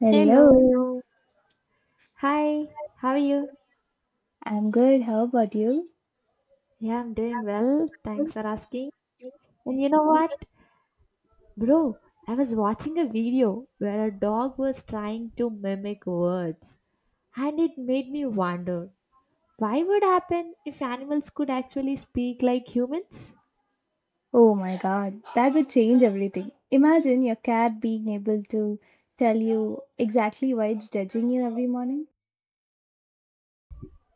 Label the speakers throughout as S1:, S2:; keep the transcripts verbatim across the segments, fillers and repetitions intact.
S1: Hello,
S2: Hello. Hi. How are you?
S1: I'm good. How about you?
S2: Yeah, I'm doing well. Thanks for asking. And you know what? Bro, I was watching a video where a dog was trying to mimic words, and it made me wonder why would happen if animals could actually speak like humans?
S1: Oh my god, that would change everything. Imagine your cat being able to tell you exactly why it's judging you every morning.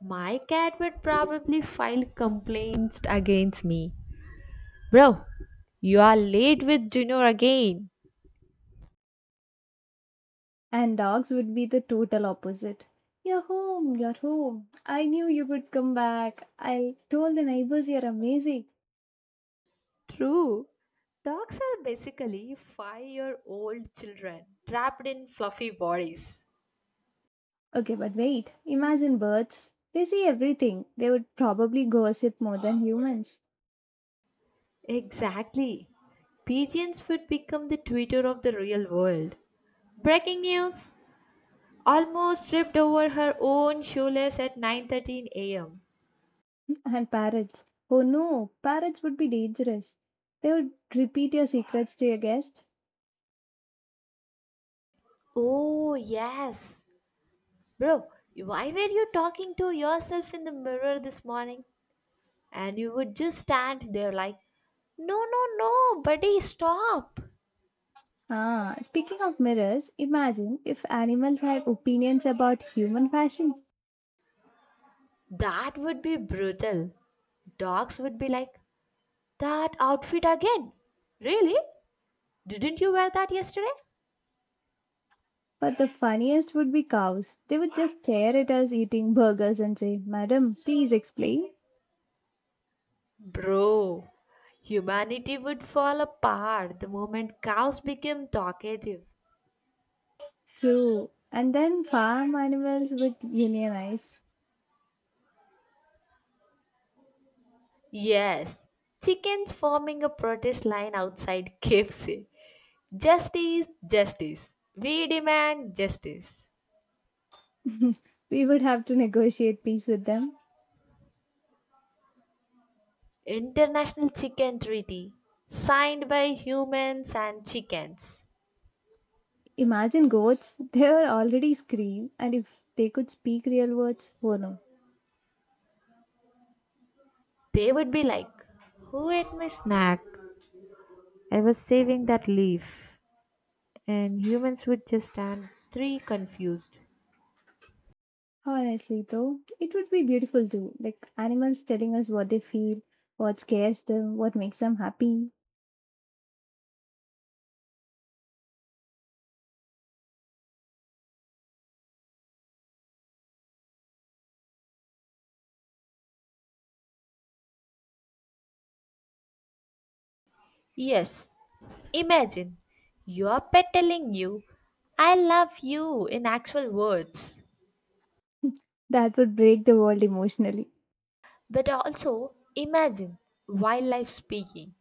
S2: My cat would probably file complaints against me. Bro, you are late with Junior again.
S1: And dogs would be the total opposite. You're home, you're home. I knew you would come back. I told the neighbors you're amazing.
S2: True. Dogs are basically five year old children trapped in fluffy bodies.
S1: Okay, but wait, imagine birds. They see everything. They would probably gossip more than humans.
S2: Exactly. Pigeons would become the Twitter of the real world. Breaking news! Almost tripped over her own shoelace at nine thirteen a m.
S1: And parrots. Oh no, parrots would be dangerous. They would repeat your secrets to your guest.
S2: Oh, yes. Bro, why were you talking to yourself in the mirror this morning? And you would just stand there like, no, no, no, buddy, stop.
S1: Ah, speaking of mirrors, imagine if animals had opinions about human fashion.
S2: That would be brutal. Dogs would be like, that outfit again. Really? Didn't you wear that yesterday?
S1: But the funniest would be cows. They would just stare at us eating burgers and say, "Madam, please explain."
S2: Bro, humanity would fall apart the moment cows became talkative.
S1: True. And then farm animals would unionize.
S2: Yes, chickens forming a protest line outside K F C. Justice, justice. We demand justice.
S1: We would have to negotiate peace with them.
S2: International Chicken Treaty, signed by humans and chickens.
S1: Imagine goats, they were already scream, and if they could speak real words, oh no.
S2: They would be like, who ate my snack? I was saving that leaf. And humans would just stand three confused.
S1: Honestly, though, it would be beautiful too. Like animals telling us what they feel, what scares them, what makes them happy.
S2: Yes, imagine your pet telling you, I love you in actual words.
S1: That would break the world emotionally.
S2: But also imagine wildlife speaking,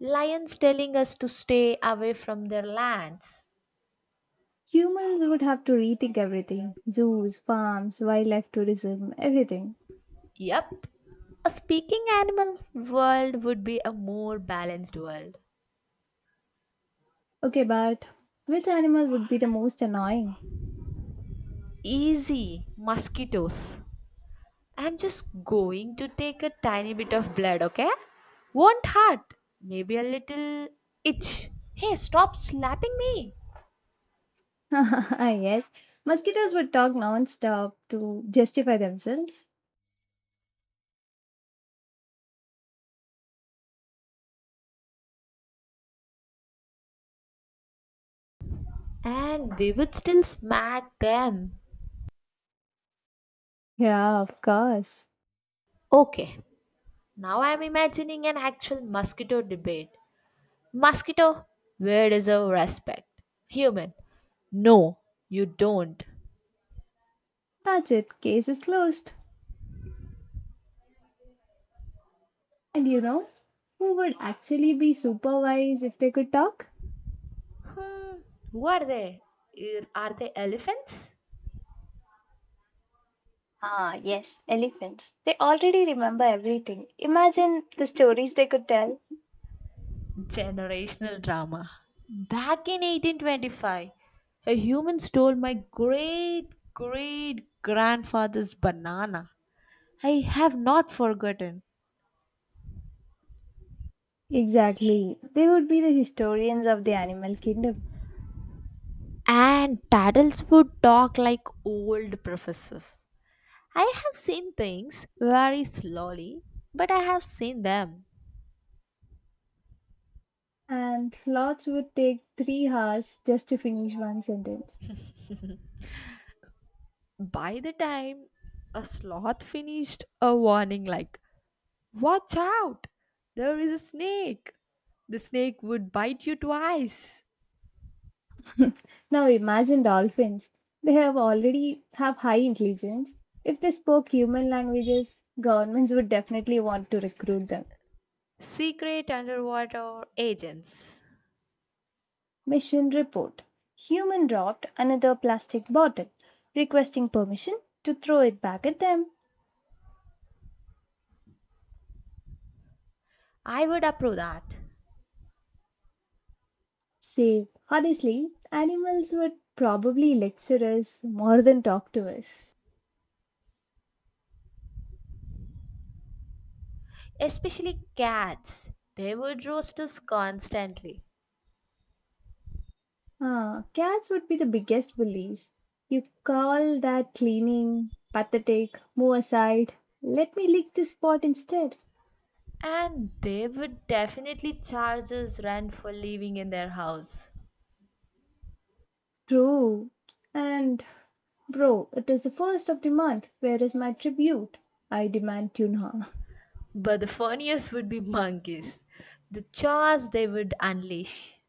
S2: lions telling us to stay away from their lands.
S1: Humans would have to rethink everything: zoos, farms, wildlife tourism, everything.
S2: Yep, a speaking animal world would be a more balanced world.
S1: Okay, but which animal would be the most annoying?
S2: Easy mosquitoes. I'm just going to take a tiny bit of blood, okay? Won't hurt. Maybe a little itch. Hey, stop slapping me.
S1: Yes, mosquitoes would talk non stop to justify themselves.
S2: And we would still smack them.
S1: Yeah, of course.
S2: Okay, now I'm imagining an actual mosquito debate. Mosquito, where is our respect? Human, no, you don't.
S1: That's it, case is closed. And you know who would actually be super wise if they could talk?
S2: Hmm, who are they? Are are they elephants?
S1: Ah, yes, elephants. They already remember everything. Imagine the stories they could tell.
S2: Generational drama. Back in eighteen twenty-five, a human stole my great great grandfather's banana. I have not forgotten.
S1: Exactly. They would be the historians of the animal kingdom.
S2: And Taddles would talk like old professors. I have seen things very slowly, but I have seen them.
S1: And lots would take three hours just to finish one sentence.
S2: By the time a sloth finished a warning like, watch out! There is a snake! The snake would bite you twice.
S1: Now imagine dolphins. They have already have high intelligence. If they spoke human languages, governments would definitely want to recruit them.
S2: Secret underwater agents.
S1: Mission report. Human dropped another plastic bottle, requesting permission to throw it back at them.
S2: I would approve that.
S1: Say, honestly, animals would probably lecture us more than talk to us.
S2: Especially cats. They would roast us constantly.
S1: Ah, cats would be the biggest bullies. You call that cleaning, pathetic, move aside, let me lick this spot instead.
S2: And they would definitely charge us rent for living in their house.
S1: True. And bro, it is the first of the month. Where is my tribute? I demand tuna.
S2: But the funniest would be monkeys. The chaos they would unleash.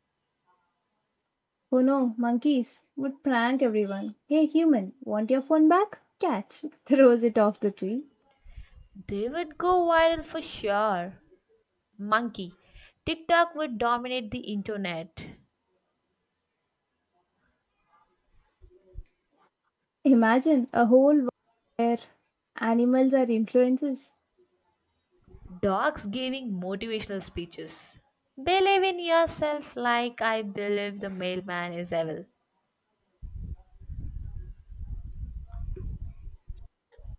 S1: Oh no, monkeys would prank everyone. Hey human, want your phone back? Catch! Throws it off the tree.
S2: They would go viral for sure. Monkey. TikTok would dominate the internet.
S1: Imagine a whole world where animals are influences.
S2: Dogs giving motivational speeches. Believe in yourself like I believe the mailman is evil.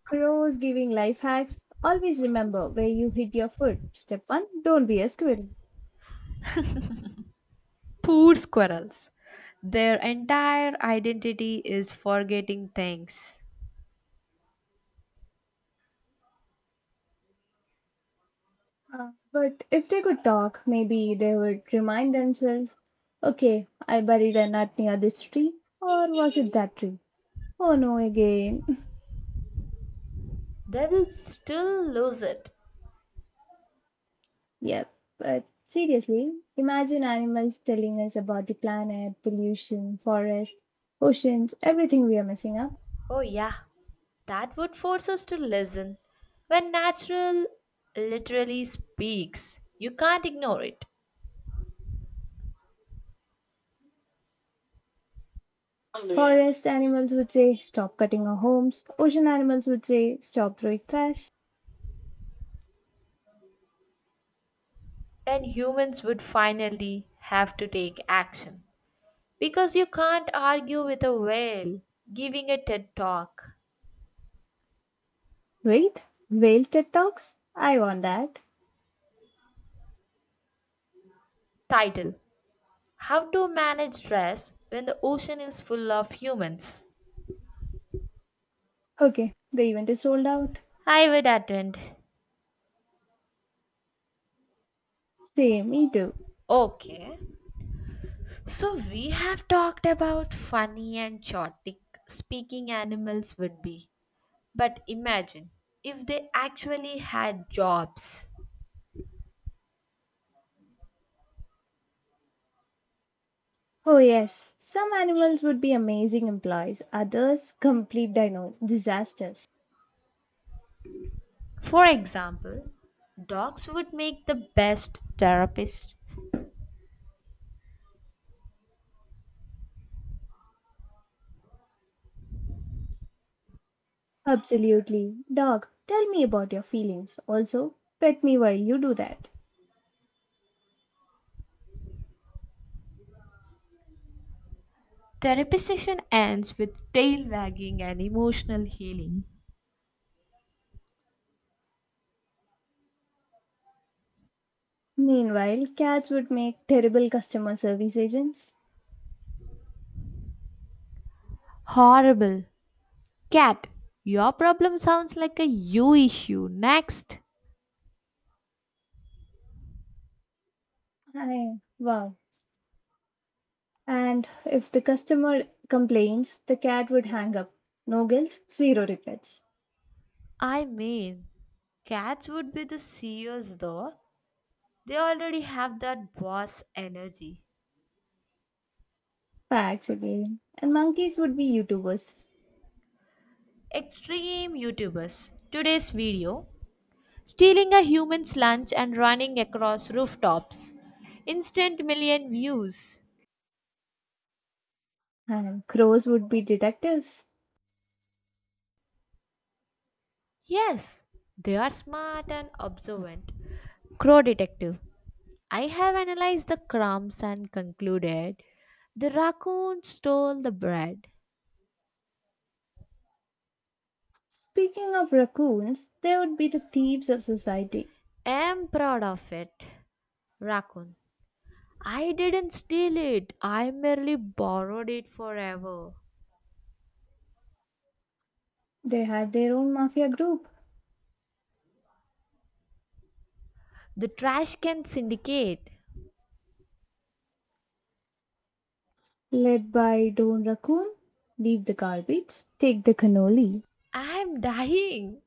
S1: Crows giving life hacks. Always remember where you hid your food. Step one: don't be a squirrel.
S2: Poor squirrels. Their entire identity is forgetting things.
S1: Uh, but if they could talk, maybe they would remind themselves, okay, I buried a nut near this tree. Or was it that tree? Oh no, again.
S2: They will still lose it.
S1: Yep, but seriously, imagine animals telling us about the planet, pollution, forest, oceans, everything we are messing up.
S2: Oh, yeah. That would force us to listen. When natural literally speaks, you can't ignore it.
S1: Forest animals would say, stop cutting our homes. Ocean animals would say, stop throwing trash.
S2: And humans would finally have to take action. Because you can't argue with a whale giving a TED talk.
S1: Wait, whale TED Talks? I want that.
S2: Title: How to Manage Stress When the Ocean is Full of Humans.
S1: Okay, the event is sold out.
S2: I would attend.
S1: Same, me too.
S2: Okay. So we have talked about funny and chaotic speaking animals would be. But imagine if they actually had jobs.
S1: Oh, yes, some animals would be amazing employees, others, complete dinos, disasters.
S2: For example, dogs would make the best therapists.
S1: Absolutely. Dog, tell me about your feelings. Also, pet me while you do that.
S2: Therapy session ends with tail wagging and emotional healing.
S1: Meanwhile, cats would make terrible customer service agents.
S2: Horrible. Cat, your problem sounds like a you issue. Next.
S1: Hi. Wow. And if the customer complains, the cat would hang up. No guilt, zero regrets.
S2: I mean, cats would be the C E Os though. They already have that boss energy.
S1: Facts again. And monkeys would be YouTubers.
S2: Extreme YouTubers. Today's video: stealing a human's lunch and running across rooftops. Instant million views.
S1: And crows would be detectives.
S2: Yes, they are smart and observant. Crow Detective. I have analyzed the crumbs and concluded the raccoon stole the bread.
S1: Speaking of raccoons, they would be the thieves of society.
S2: Am proud of it, raccoon. I didn't steal it. I merely borrowed it forever.
S1: They had their own mafia group,
S2: The trash can syndicate.
S1: led by Don Raccoon. Leave the garbage, take the cannoli.
S2: I am dying.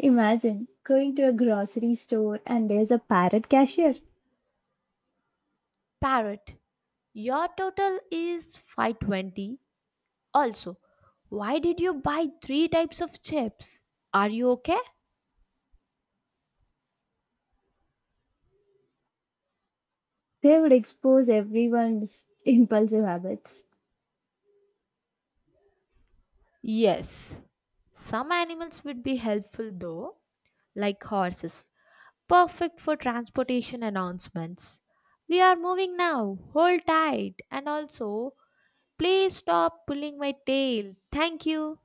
S1: Imagine going to a grocery store and there's a parrot cashier.
S2: Parrot, your total is five twenty. Also, why did you buy three types of chips? Are you okay?
S1: They would expose everyone's impulsive habits.
S2: Yes. Some animals would be helpful though, like horses, perfect for transportation announcements. We are moving now, hold tight, and also please stop pulling my tail. Thank you.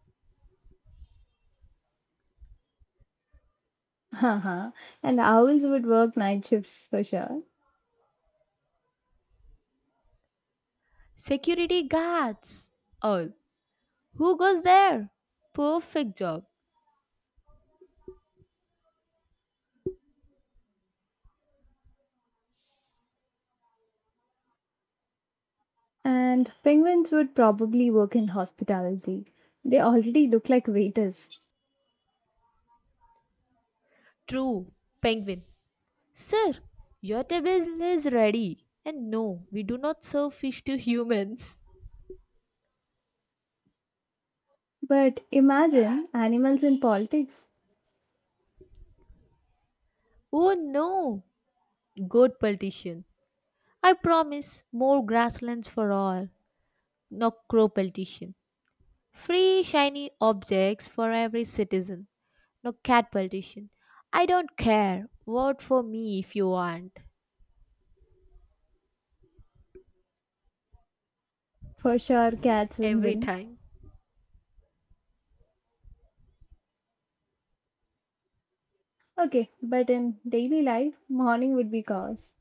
S1: Haha. And owls would work night shifts for sure.
S2: Security guards. All. Who goes there? Perfect job.
S1: And penguins would probably work in hospitality. They already look like waiters.
S2: True. Penguin. Sir, your table is ready. And no, we do not serve fish to humans.
S1: But imagine animals in politics.
S2: Oh no. Goat politician. I promise more grasslands for all. No, crow politician. Free shiny objects for every citizen. No, cat politician. I don't care. Vote for me if you want.
S1: For sure, cats will
S2: Every
S1: win.
S2: time.
S1: Okay, but in daily life, morning would be chaos.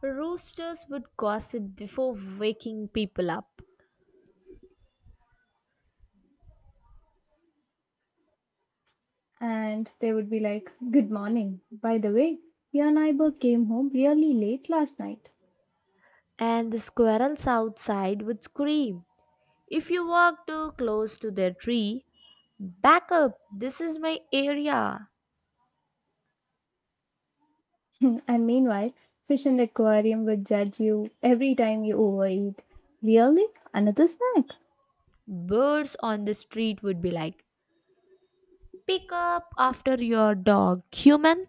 S2: Roosters would gossip before waking people up,
S1: And they would be like, good morning. By the way, your neighbor came home really late last night.
S2: and the squirrels outside would scream. If you walk too close to their tree, back up, this is my area.
S1: And meanwhile, fish in the aquarium would judge you every time you overeat. Really? Another snack?
S2: Birds on the street would be like, pick up after your dog, human.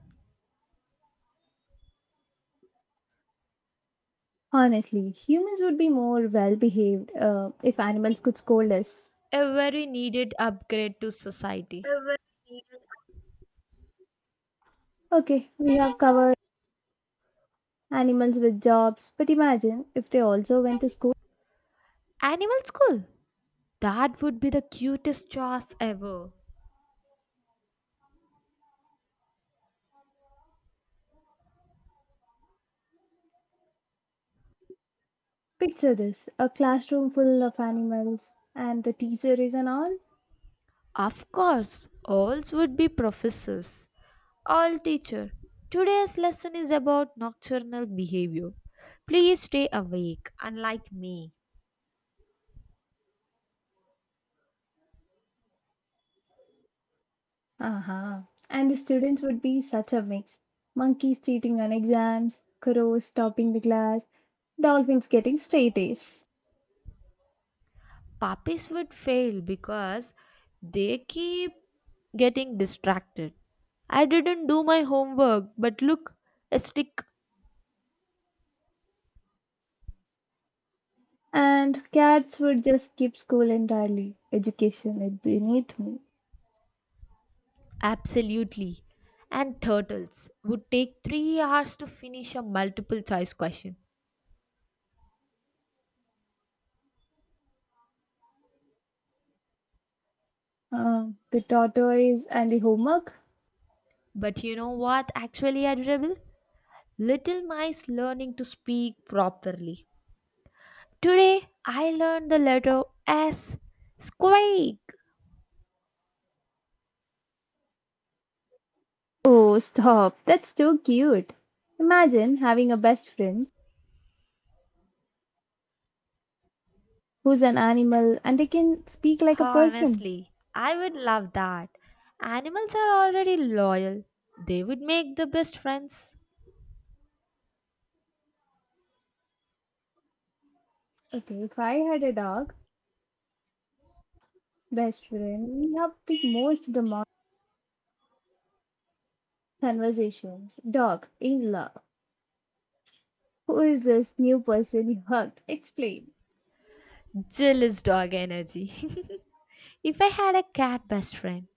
S1: Honestly, humans would be more well behaved uh, if animals could scold us.
S2: A very needed upgrade to society.
S1: Okay, we have covered animals with jobs, but imagine if they also went to school.
S2: Animal school? That would be the cutest choice ever.
S1: Picture this: a classroom full of animals, and the teacher is an all.
S2: Of course, alls would be professors. All teacher. Today's lesson is about nocturnal behavior. Please stay awake, unlike me.
S1: Uh-huh. And the students would be such a mix. Monkeys cheating on exams, crows topping the class, dolphins getting straight A's.
S2: Puppies would fail because they keep getting distracted. I didn't do my homework, but look, a stick.
S1: And cats would just skip school entirely. Education is beneath me.
S2: Absolutely. And turtles would take three hours to finish a multiple choice question.
S1: Uh, the tortoise and the homework?
S2: But you know what actually adorable? Little mice learning to speak properly. Today I learned the letter S. Squeak!
S1: Oh, stop. That's too cute. Imagine having a best friend who's an animal and they can speak like a person.
S2: Honestly, I would love that. Animals are already loyal. They would make the best friends.
S1: Okay, if I had a dog best friend, we have the most conversations. Dog is love. Who is this new person you hugged? Explain.
S2: Jealous dog energy. If I had a cat best friend,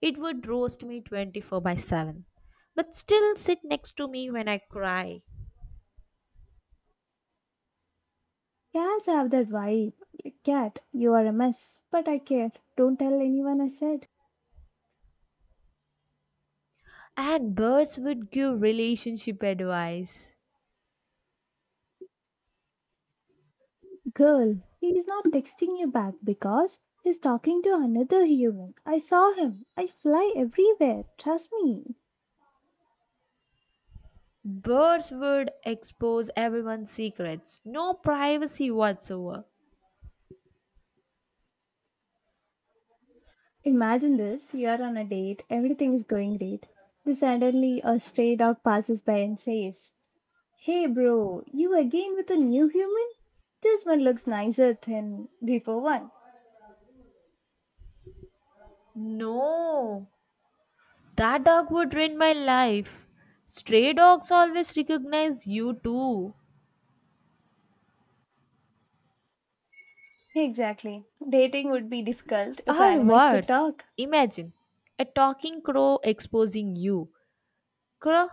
S2: it would roast me twenty-four by seven, but still sit next to me when I cry.
S1: Cats have that vibe. Like, cat, you are a mess, but I care. Don't tell anyone I said.
S2: And birds would give relationship advice.
S1: Girl, he is not texting you back because he's talking to another human. I saw him. I fly everywhere. Trust me.
S2: Birds would expose everyone's secrets. No privacy whatsoever.
S1: Imagine this: you are on a date, everything is going great. Then suddenly a stray dog passes by and says, hey bro, you again with a new human? This one looks nicer than before one.
S2: No, that dog would ruin my life. Stray dogs always recognize you too.
S1: Exactly. Dating would be difficult if
S2: Or
S1: animals could
S2: worse,
S1: talk.
S2: imagine a talking crow exposing you. Crow,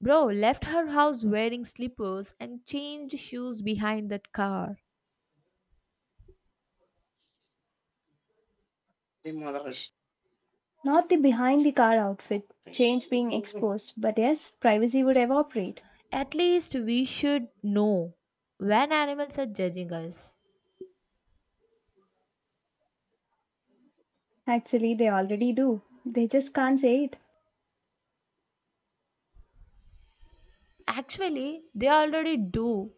S2: bro left her house wearing slippers and changed shoes behind that car.
S1: Not the behind the car outfit, change being exposed, but yes, privacy would evaporate.
S2: At least we should know when animals are judging us.
S1: Actually, they already do. They just can't say it.
S2: Actually, they already do.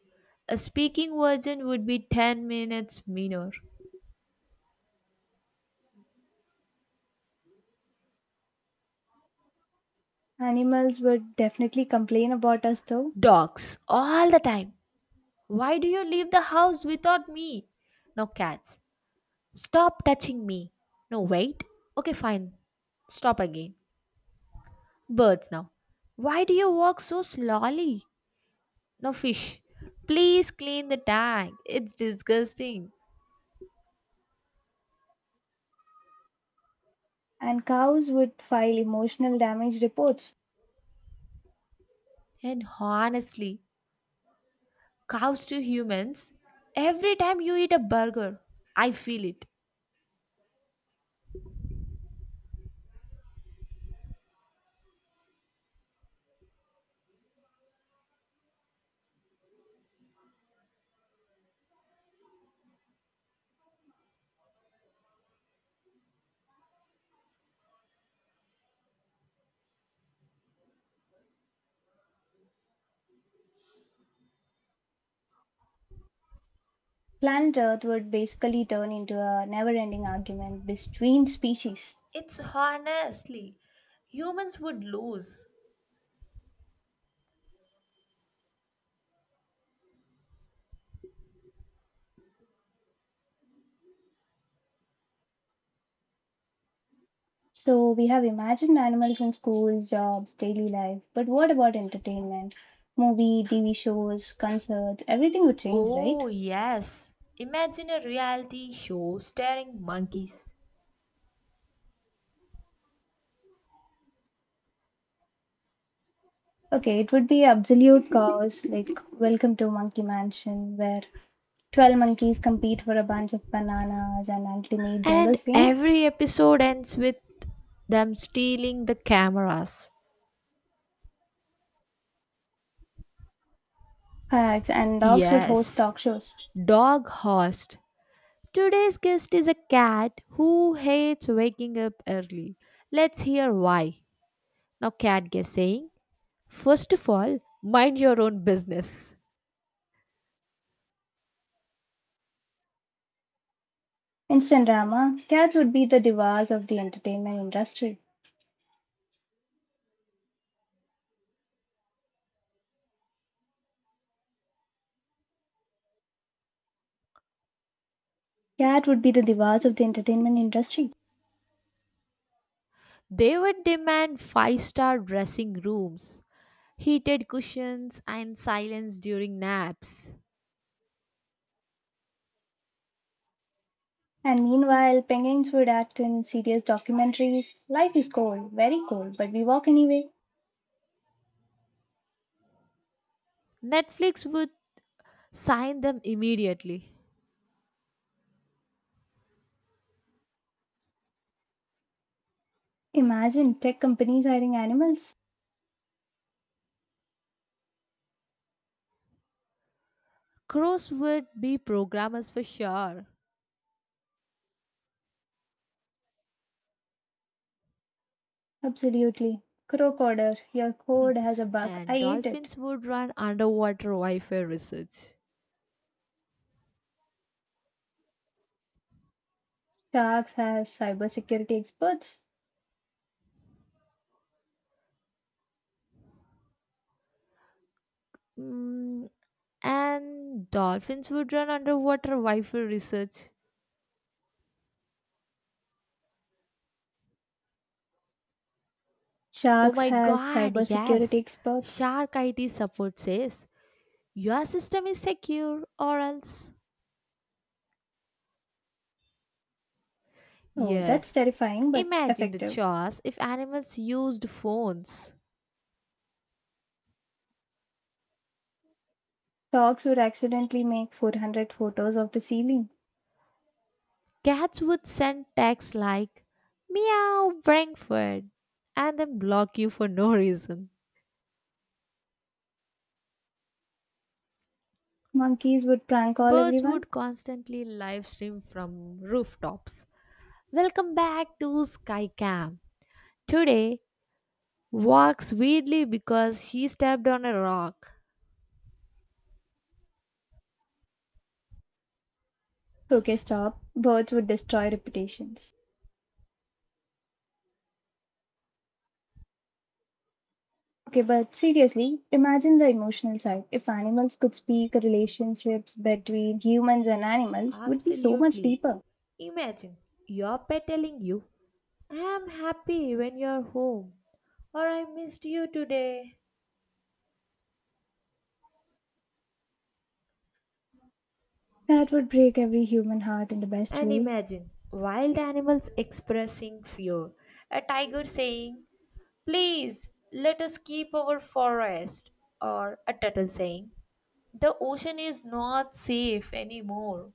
S2: A speaking version would be ten minutes meaner.
S1: Animals would definitely complain about us though.
S2: Dogs, all the time. Why do you leave the house without me? No, cats. Stop touching me. No, wait. Okay, fine. Stop again. Birds now. Why do you walk so slowly? No, fish. Please clean the tank. It's disgusting.
S1: And cows would file emotional damage reports.
S2: And honestly, cows to humans, every time you eat a burger, I feel it.
S1: Planet Earth would basically turn into a never ending argument between species.
S2: It's honestly, humans would lose.
S1: So we have imagined animals in schools, jobs, daily life. But what about entertainment? Movie, T V shows, concerts, everything would change, right?
S2: Oh, yes. Imagine a reality show starring monkeys.
S1: Okay, it would be absolute chaos, like, welcome to Monkey Mansion, where twelve monkeys compete for a bunch of bananas and ultimate jungle
S2: And
S1: fame.
S2: every episode ends with them stealing the cameras.
S1: Hacks and dogs would host
S2: Yes,
S1: talk shows.
S2: dog host. Today's guest is a cat who hates waking up early. Let's hear why. Now, cat guest saying: first of all, mind your own business.
S1: Instant drama. Cats would be the divas of the entertainment industry. Cat would be the divas of the entertainment industry.
S2: They would demand five star dressing rooms, heated cushions, and silence during naps.
S1: And meanwhile, penguins would act in serious documentaries. Life is cold, very cold, but we walk anyway.
S2: Netflix would sign them immediately.
S1: Imagine tech companies hiring animals.
S2: Crows would be programmers for sure.
S1: Absolutely. Crocoder, your
S2: Hmm.
S1: code has a bug. I
S2: And
S1: ate it.
S2: dolphins would run underwater Wi Fi research.
S1: Sharks has cybersecurity experts.
S2: Mm, And dolphins would run underwater Wi Fi research. Oh
S1: Sharks
S2: my
S1: has
S2: god,
S1: cybersecurity
S2: yes.
S1: experts.
S2: Shark I T support says your system is secure or else.
S1: Oh, that's
S2: Yes.
S1: terrifying but
S2: Imagine the
S1: effective.
S2: chaos if animals used phones.
S1: Dogs would accidentally make four hundred photos of the ceiling.
S2: Cats would send texts like meow Frankfurt and then block you for no reason.
S1: Monkeys would prank call
S2: Birds
S1: everyone.
S2: would constantly live stream from rooftops. Welcome back to Skycam. Today walks weirdly because she stepped on a rock.
S1: Okay, stop. Birds would destroy reputations. Okay, but seriously, imagine the emotional side. If animals could speak, relationships between humans and animals would be so much
S2: Absolutely.
S1: deeper.
S2: Imagine your pet telling you, I am happy when you are home, or I missed you today.
S1: That would break every human heart in the best
S2: And
S1: way.
S2: imagine wild animals expressing fear, a tiger saying, please let us keep our forest, or a turtle saying, the ocean is not safe anymore.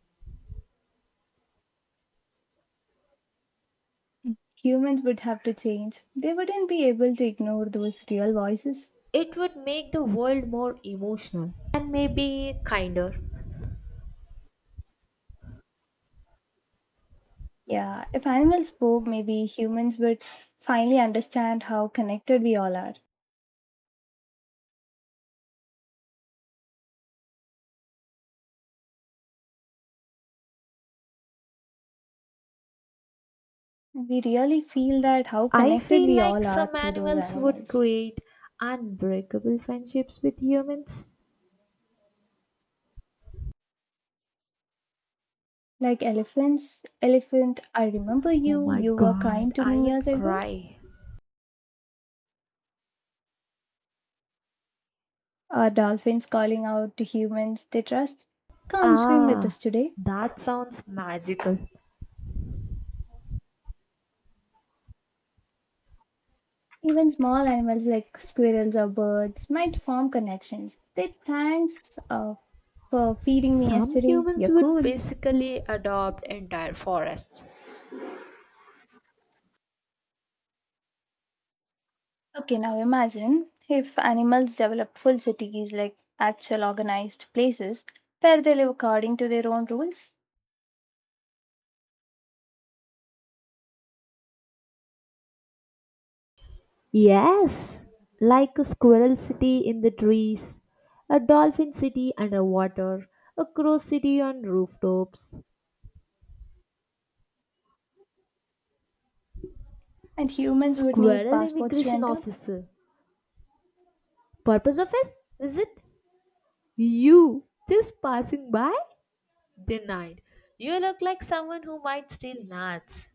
S1: Humans would have to change. They wouldn't be able to ignore those real voices.
S2: It would make the world more emotional and maybe kinder.
S1: Yeah, if animals spoke, maybe humans would finally understand how connected we all are. We really feel that how
S2: I
S1: connected
S2: feel
S1: we
S2: like
S1: all are
S2: some
S1: to those
S2: animals would
S1: animals.
S2: create unbreakable friendships with humans.
S1: Like elephants, elephant, I remember
S2: Oh
S1: you.
S2: my
S1: You were
S2: god,
S1: kind to
S2: I
S1: me years
S2: would
S1: ago.
S2: cry.
S1: Or dolphins calling out to humans they trust, come swim with us
S2: Ah,
S1: today.
S2: that sounds magical.
S1: Even small animals like squirrels or birds might form connections. They thanks uh, for feeding me
S2: Some
S1: yesterday.
S2: humans
S1: You're
S2: would
S1: cool.
S2: basically adopt entire forests.
S1: Okay, now imagine if animals develop full cities like actual organized places where they live according to their own rules,
S2: Yes, like a squirrel city in the trees, a dolphin city underwater, a crow city on rooftops.
S1: and humans would need
S2: Squirrel
S1: passports to
S2: immigration
S1: enter.
S2: officer. Purpose of his visit? You just passing by? Denied. You look like someone who might steal nuts.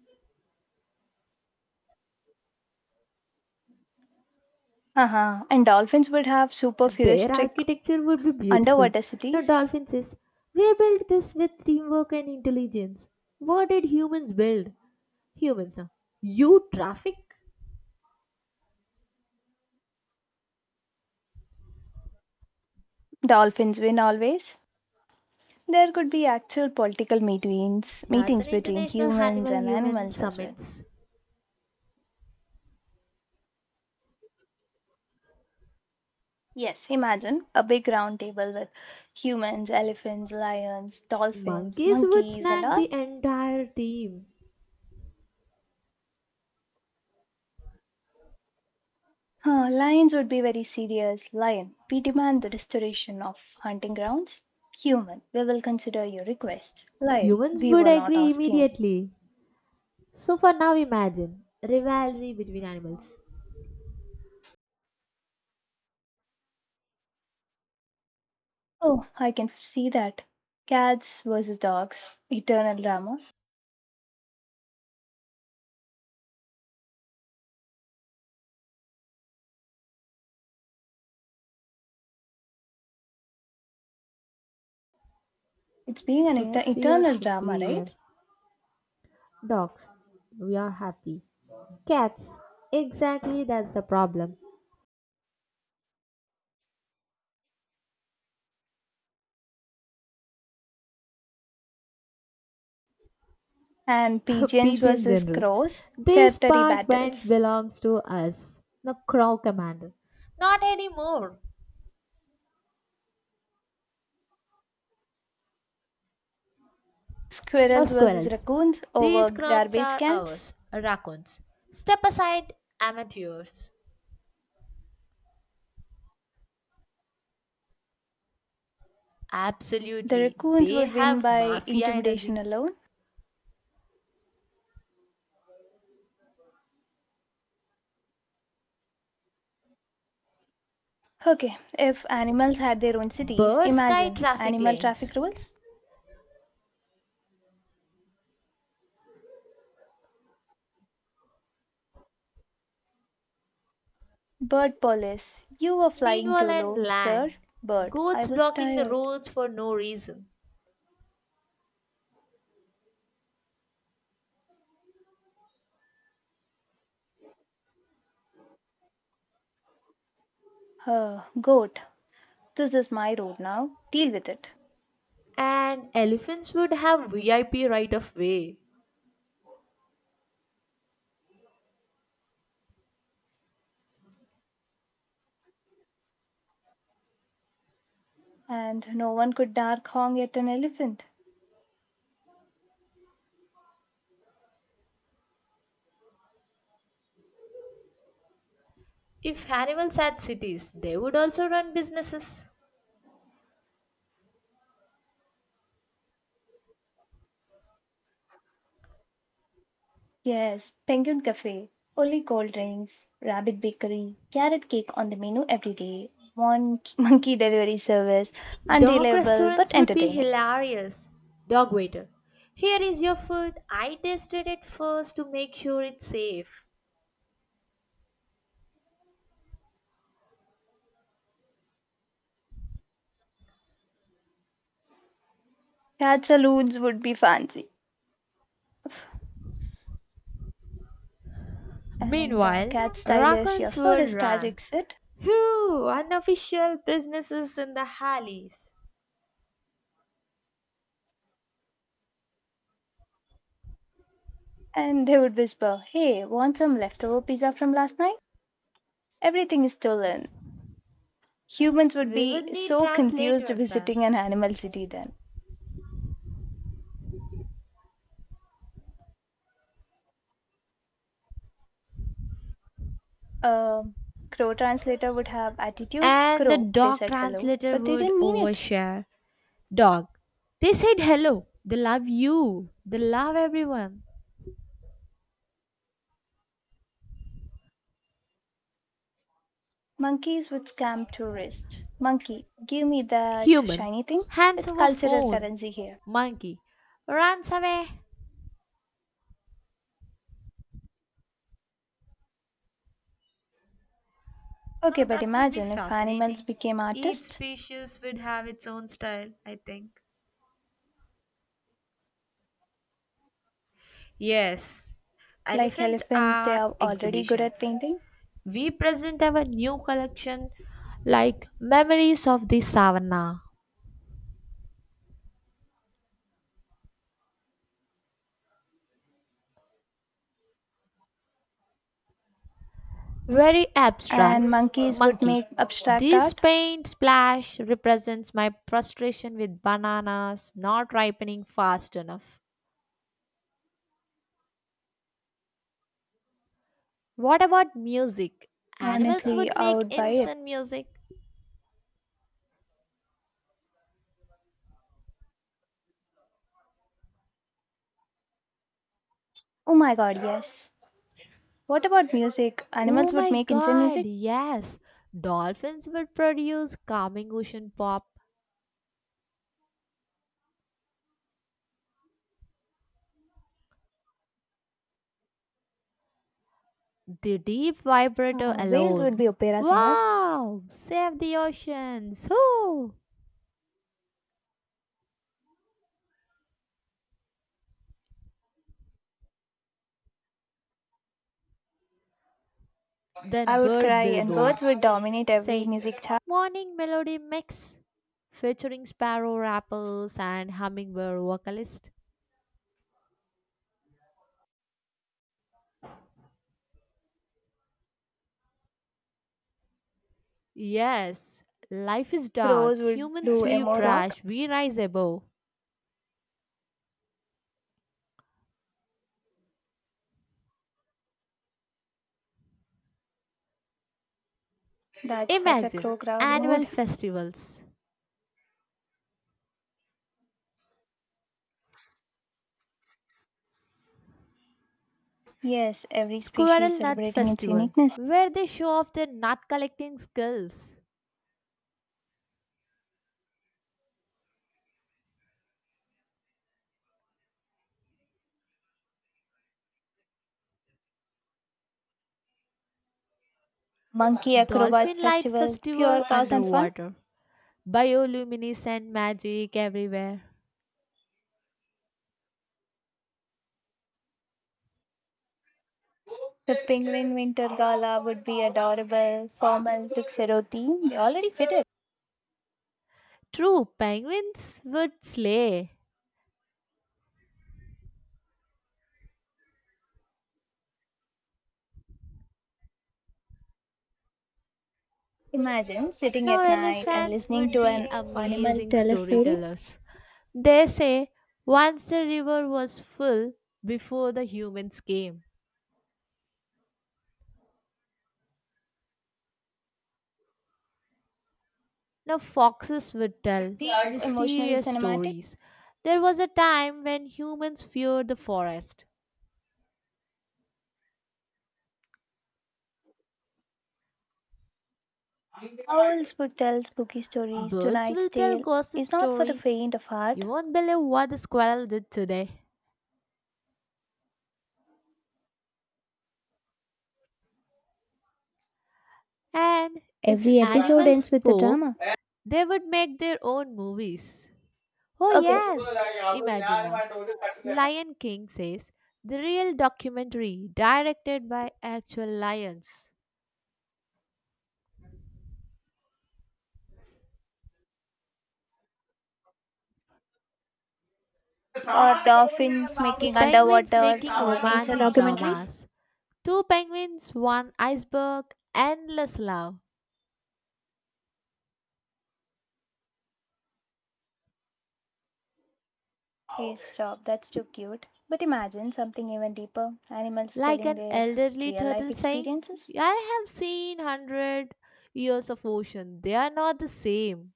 S1: Uh-huh. And dolphins would have super
S2: Their
S1: futuristic
S2: architecture would be beautiful.
S1: underwater
S2: Now,
S1: cities.
S2: dolphin says, we built this with teamwork and intelligence. What did humans build? Humans now. You traffic?
S1: Dolphins win always. There could be actual political meetings,
S2: That's
S1: meetings
S2: an
S1: between
S2: international
S1: humans
S2: animal
S1: and
S2: human
S1: animals as well.
S2: summits.
S1: Yes, imagine a big round table with humans, elephants, lions, dolphins,
S2: Monkeys would
S1: monkeys, and
S2: snag the
S1: all.
S2: entire team.
S1: Huh, lions would be very serious. Lion, we demand the restoration of hunting grounds. Human, we will consider your request. Lion,
S2: Humans
S1: we
S2: would
S1: were not
S2: agree
S1: asking.
S2: immediately. So, for now, imagine rivalry between animals.
S1: Oh, I can f- see that. Cats versus dogs, eternal drama. It's being an et-
S2: Cats, we are
S1: eternal drama,
S2: superior.
S1: right?
S2: Dogs, we are happy. Cats, exactly, that's the problem.
S1: And pigeons
S2: Pigeon
S1: versus
S2: General,
S1: crows,
S2: this
S1: territory
S2: park bench
S1: battles.
S2: belongs to us. Now, Crow Commander, not anymore. Now,
S1: Squirrels versus
S2: squirrels,
S1: raccoons over
S2: these crumbs
S1: garbage
S2: are
S1: cans.
S2: ours. Raccoons, step aside, amateurs.
S1: The
S2: Absolutely,
S1: raccoons
S2: they
S1: would win
S2: have
S1: by
S2: mafia
S1: intimidation
S2: energy.
S1: alone. Okay, if animals had their own cities,
S2: Birds sky
S1: imagine
S2: traffic
S1: animal
S2: lanes.
S1: traffic rules. Bird police, you were flying
S2: Meanwhile,
S1: too
S2: on
S1: low, sir.
S2: land,
S1: Bird, I
S2: goats
S1: was
S2: blocking the
S1: tired.
S2: roads for no reason.
S1: Uh, goat, this is my road now. Deal with it.
S2: And elephants would have V I P right of way.
S1: And no one could dark honk at an elephant.
S2: If animals had cities, they would also run businesses.
S1: Yes, Penguin Cafe. Only cold drinks, rabbit bakery, carrot cake on the menu every day, Mon- monkey delivery service,
S2: Dog
S1: unreliable but
S2: restaurants would be
S1: entertaining.
S2: hilarious. Dog waiter, here is your food. I tasted it first to make sure it's safe.
S1: Cat saloons would be fancy. And uh,
S2: Meanwhile,
S1: cat stylish, your
S2: raccoons
S1: fur
S2: would
S1: is
S2: run.
S1: tragic, sit.
S2: Whew, unofficial businesses in the alleys.
S1: And they would whisper, hey, want some leftover pizza from last night? Everything is stolen. Humans would
S2: We
S1: be
S2: would need
S1: so confused
S2: translators then.
S1: visiting an animal city then. A crow translator would have attitude.
S2: And the
S1: Crow, they
S2: dog
S1: said hello,
S2: translator
S1: but they
S2: would
S1: didn't mean it.
S2: overshare. Dog, they said hello. They love you. They love everyone.
S1: Monkeys would scam tourists. Monkey, give me that
S2: Human,
S1: shiny thing.
S2: hands
S1: It's
S2: over
S1: cultural
S2: phone.
S1: currency here.
S2: Monkey, runs away.
S1: Okay,
S2: No,
S1: but
S2: that would be
S1: imagine if animals
S2: fascinating.
S1: became
S2: Each
S1: artists.
S2: species would have its own style, I think. Yes,
S1: Like
S2: elephant
S1: elephants, they
S2: are
S1: are already good at
S2: exhibitions.
S1: painting.
S2: We present our new collection like memories of the savannah. Very
S1: And
S2: abstract.
S1: monkeys would
S2: Monkey.
S1: make abstract
S2: This
S1: art.
S2: paint splash represents my frustration with bananas not ripening fast enough. What about music? Animals
S1: Honestly,
S2: would
S1: I
S2: make
S1: would buy it.
S2: instant music.
S1: Oh my god, yes. What about music?
S2: Oh
S1: Animals would
S2: my
S1: make insane music.
S2: god, yes. Dolphins would produce calming ocean pop. The deep vibrato
S1: Uh, whales would
S2: alone.
S1: be opera singers.
S2: Wow! Save the oceans! Whoo! Then
S1: I would
S2: bird
S1: cry, and
S2: billboard.
S1: birds would dominate every
S2: Saying,
S1: music chart.
S2: Morning Melody Mix, featuring sparrow rappers and hummingbird vocalist. Yes, life is dark,
S1: Crows would
S2: humans
S1: do
S2: leave
S1: emo rock.
S2: trash, we rise above.
S1: That's such a
S2: Imagine
S1: crow crow
S2: annual
S1: mood.
S2: festivals,
S1: Yes, every species
S2: Squirrel Nut
S1: celebrating its
S2: Festival,
S1: uniqueness.
S2: where they show off their nut collecting skills,
S1: Monkey acrobat
S2: Dolphin Light
S1: festival,
S2: Festival
S1: pure cause and fun.
S2: underwater, bioluminescent magic everywhere.
S1: The penguin winter gala would be adorable, formal tuxedo theme. They already fit it.
S2: True, penguins would slay.
S1: Imagine sitting
S2: Now,
S1: at night and
S2: elephants
S1: listening
S2: would
S1: to
S2: be
S1: an animal
S2: amazing
S1: tell a story.
S2: storytellers. They say once the river was full before the humans came. Now, foxes would tell
S1: Deep emotional
S2: mysterious
S1: cinematic.
S2: stories. There was a time when humans feared the forest.
S1: Owls would tell spooky stories.
S2: Birds will
S1: Tonight's
S2: tell
S1: tale
S2: gossip
S1: is not for the
S2: stories.
S1: faint of heart.
S2: You won't believe what the squirrel did today. And if
S1: Every episode
S2: animals
S1: ends with a
S2: spoke,
S1: drama.
S2: they would make their own movies. Oh,
S1: Okay,
S2: yes! Imagine now. Lion King says the real documentary directed by actual lions.
S1: or dolphins
S2: The
S1: making
S2: penguins
S1: underwater
S2: making
S1: uh, nature
S2: romantic
S1: documentaries.
S2: dramas. Two penguins, one iceberg, endless love.
S1: Hey, stop, that's too cute. But imagine something even deeper: animals
S2: Like
S1: telling
S2: an
S1: their
S2: elderly
S1: real
S2: turtle
S1: life
S2: saying,
S1: experiences.
S2: I have seen hundred years of ocean, they are not the same.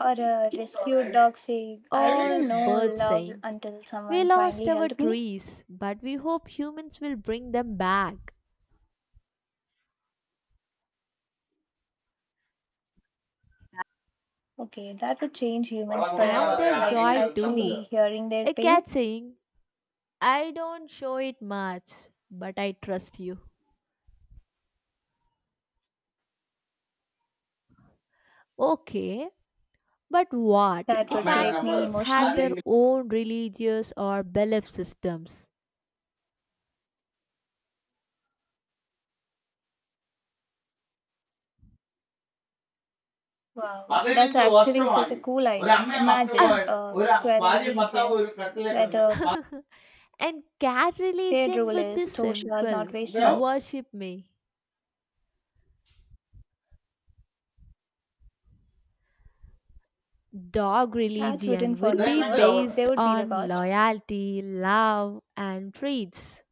S1: Or a rescued dog saying, I
S2: Or
S1: didn't know
S2: birds
S1: love
S2: saying,
S1: until
S2: we
S1: someone
S2: lost
S1: finally
S2: our
S1: helped me.
S2: trees, but we hope humans will bring them back.
S1: Okay, that would change humans
S2: And
S1: forever.
S2: their
S1: Like
S2: joy too.
S1: actually hearing their
S2: A
S1: pain,
S2: cat saying, I don't show it much, but I trust you. Okay, but what
S1: that would
S2: if
S1: break me
S2: animals had their
S1: emotionally.
S2: own religious or belief systems?
S1: Wow, that's actually such a cool idea. Imagine
S2: Ah,
S1: a ഒരു square ഭാര്യയും where the
S2: and cat
S1: scared
S2: religion
S1: rule
S2: would be
S1: is thou shalt not
S2: simple,
S1: waste ഇതിലോ.
S2: worship me. Dog
S1: Cats
S2: religion
S1: wouldn't follow
S2: would
S1: God,
S2: be
S1: ഇതെന്നെങ്കിലും they
S2: based
S1: would be the
S2: on
S1: gods.
S2: loyalty, love, and treats.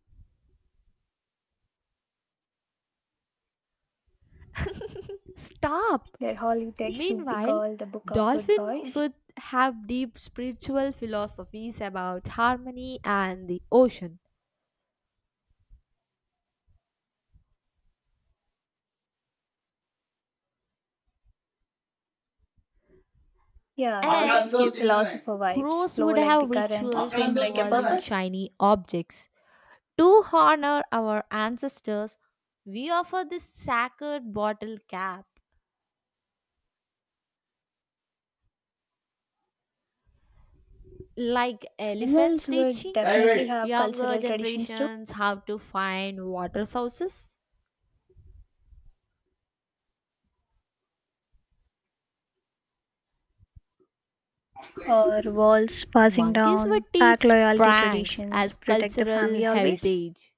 S2: Stop!
S1: Their holy text would be
S2: Meanwhile,
S1: called the Book of Good
S2: dolphin
S1: Boys.
S2: would have deep spiritual philosophies about harmony and the ocean.
S1: Yeah, that
S2: And
S1: give philosopher vibes,
S2: crows
S1: flow
S2: would
S1: like the
S2: have
S1: current,
S2: rituals
S1: swim like a
S2: involving
S1: purpose.
S2: shiny objects. To honor our ancestors, we offer this sacred bottle cap. Like elephants
S1: Animals would
S2: teaching
S1: definitely have
S2: younger
S1: cultural traditions too,
S2: generations how to find water sources,
S1: or walls passing
S2: monkeys would
S1: down, pack
S2: teach
S1: loyalty
S2: pranks
S1: traditions,
S2: as
S1: protect the
S2: cultural
S1: family always.
S2: heritage.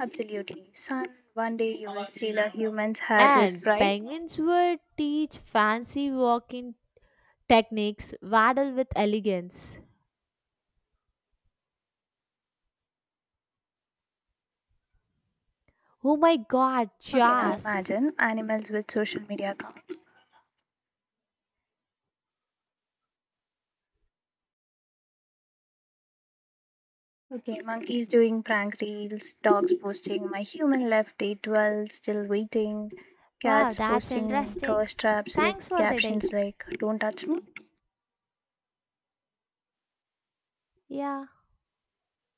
S1: Absolutely. Son, one day you will steal a human's head
S2: And
S1: with pride.
S2: penguins would teach fancy walking techniques, waddle with elegance. Oh my god,
S1: Okay, now
S2: Chas!
S1: imagine animals with social media accounts. Okay, monkeys doing prank reels, dogs posting my human left day twelve, still waiting,
S2: Wow,
S1: cats
S2: that's
S1: posting
S2: interesting.
S1: thirst traps with
S2: Thanks for the day.
S1: captions like, don't touch me.
S2: Yeah.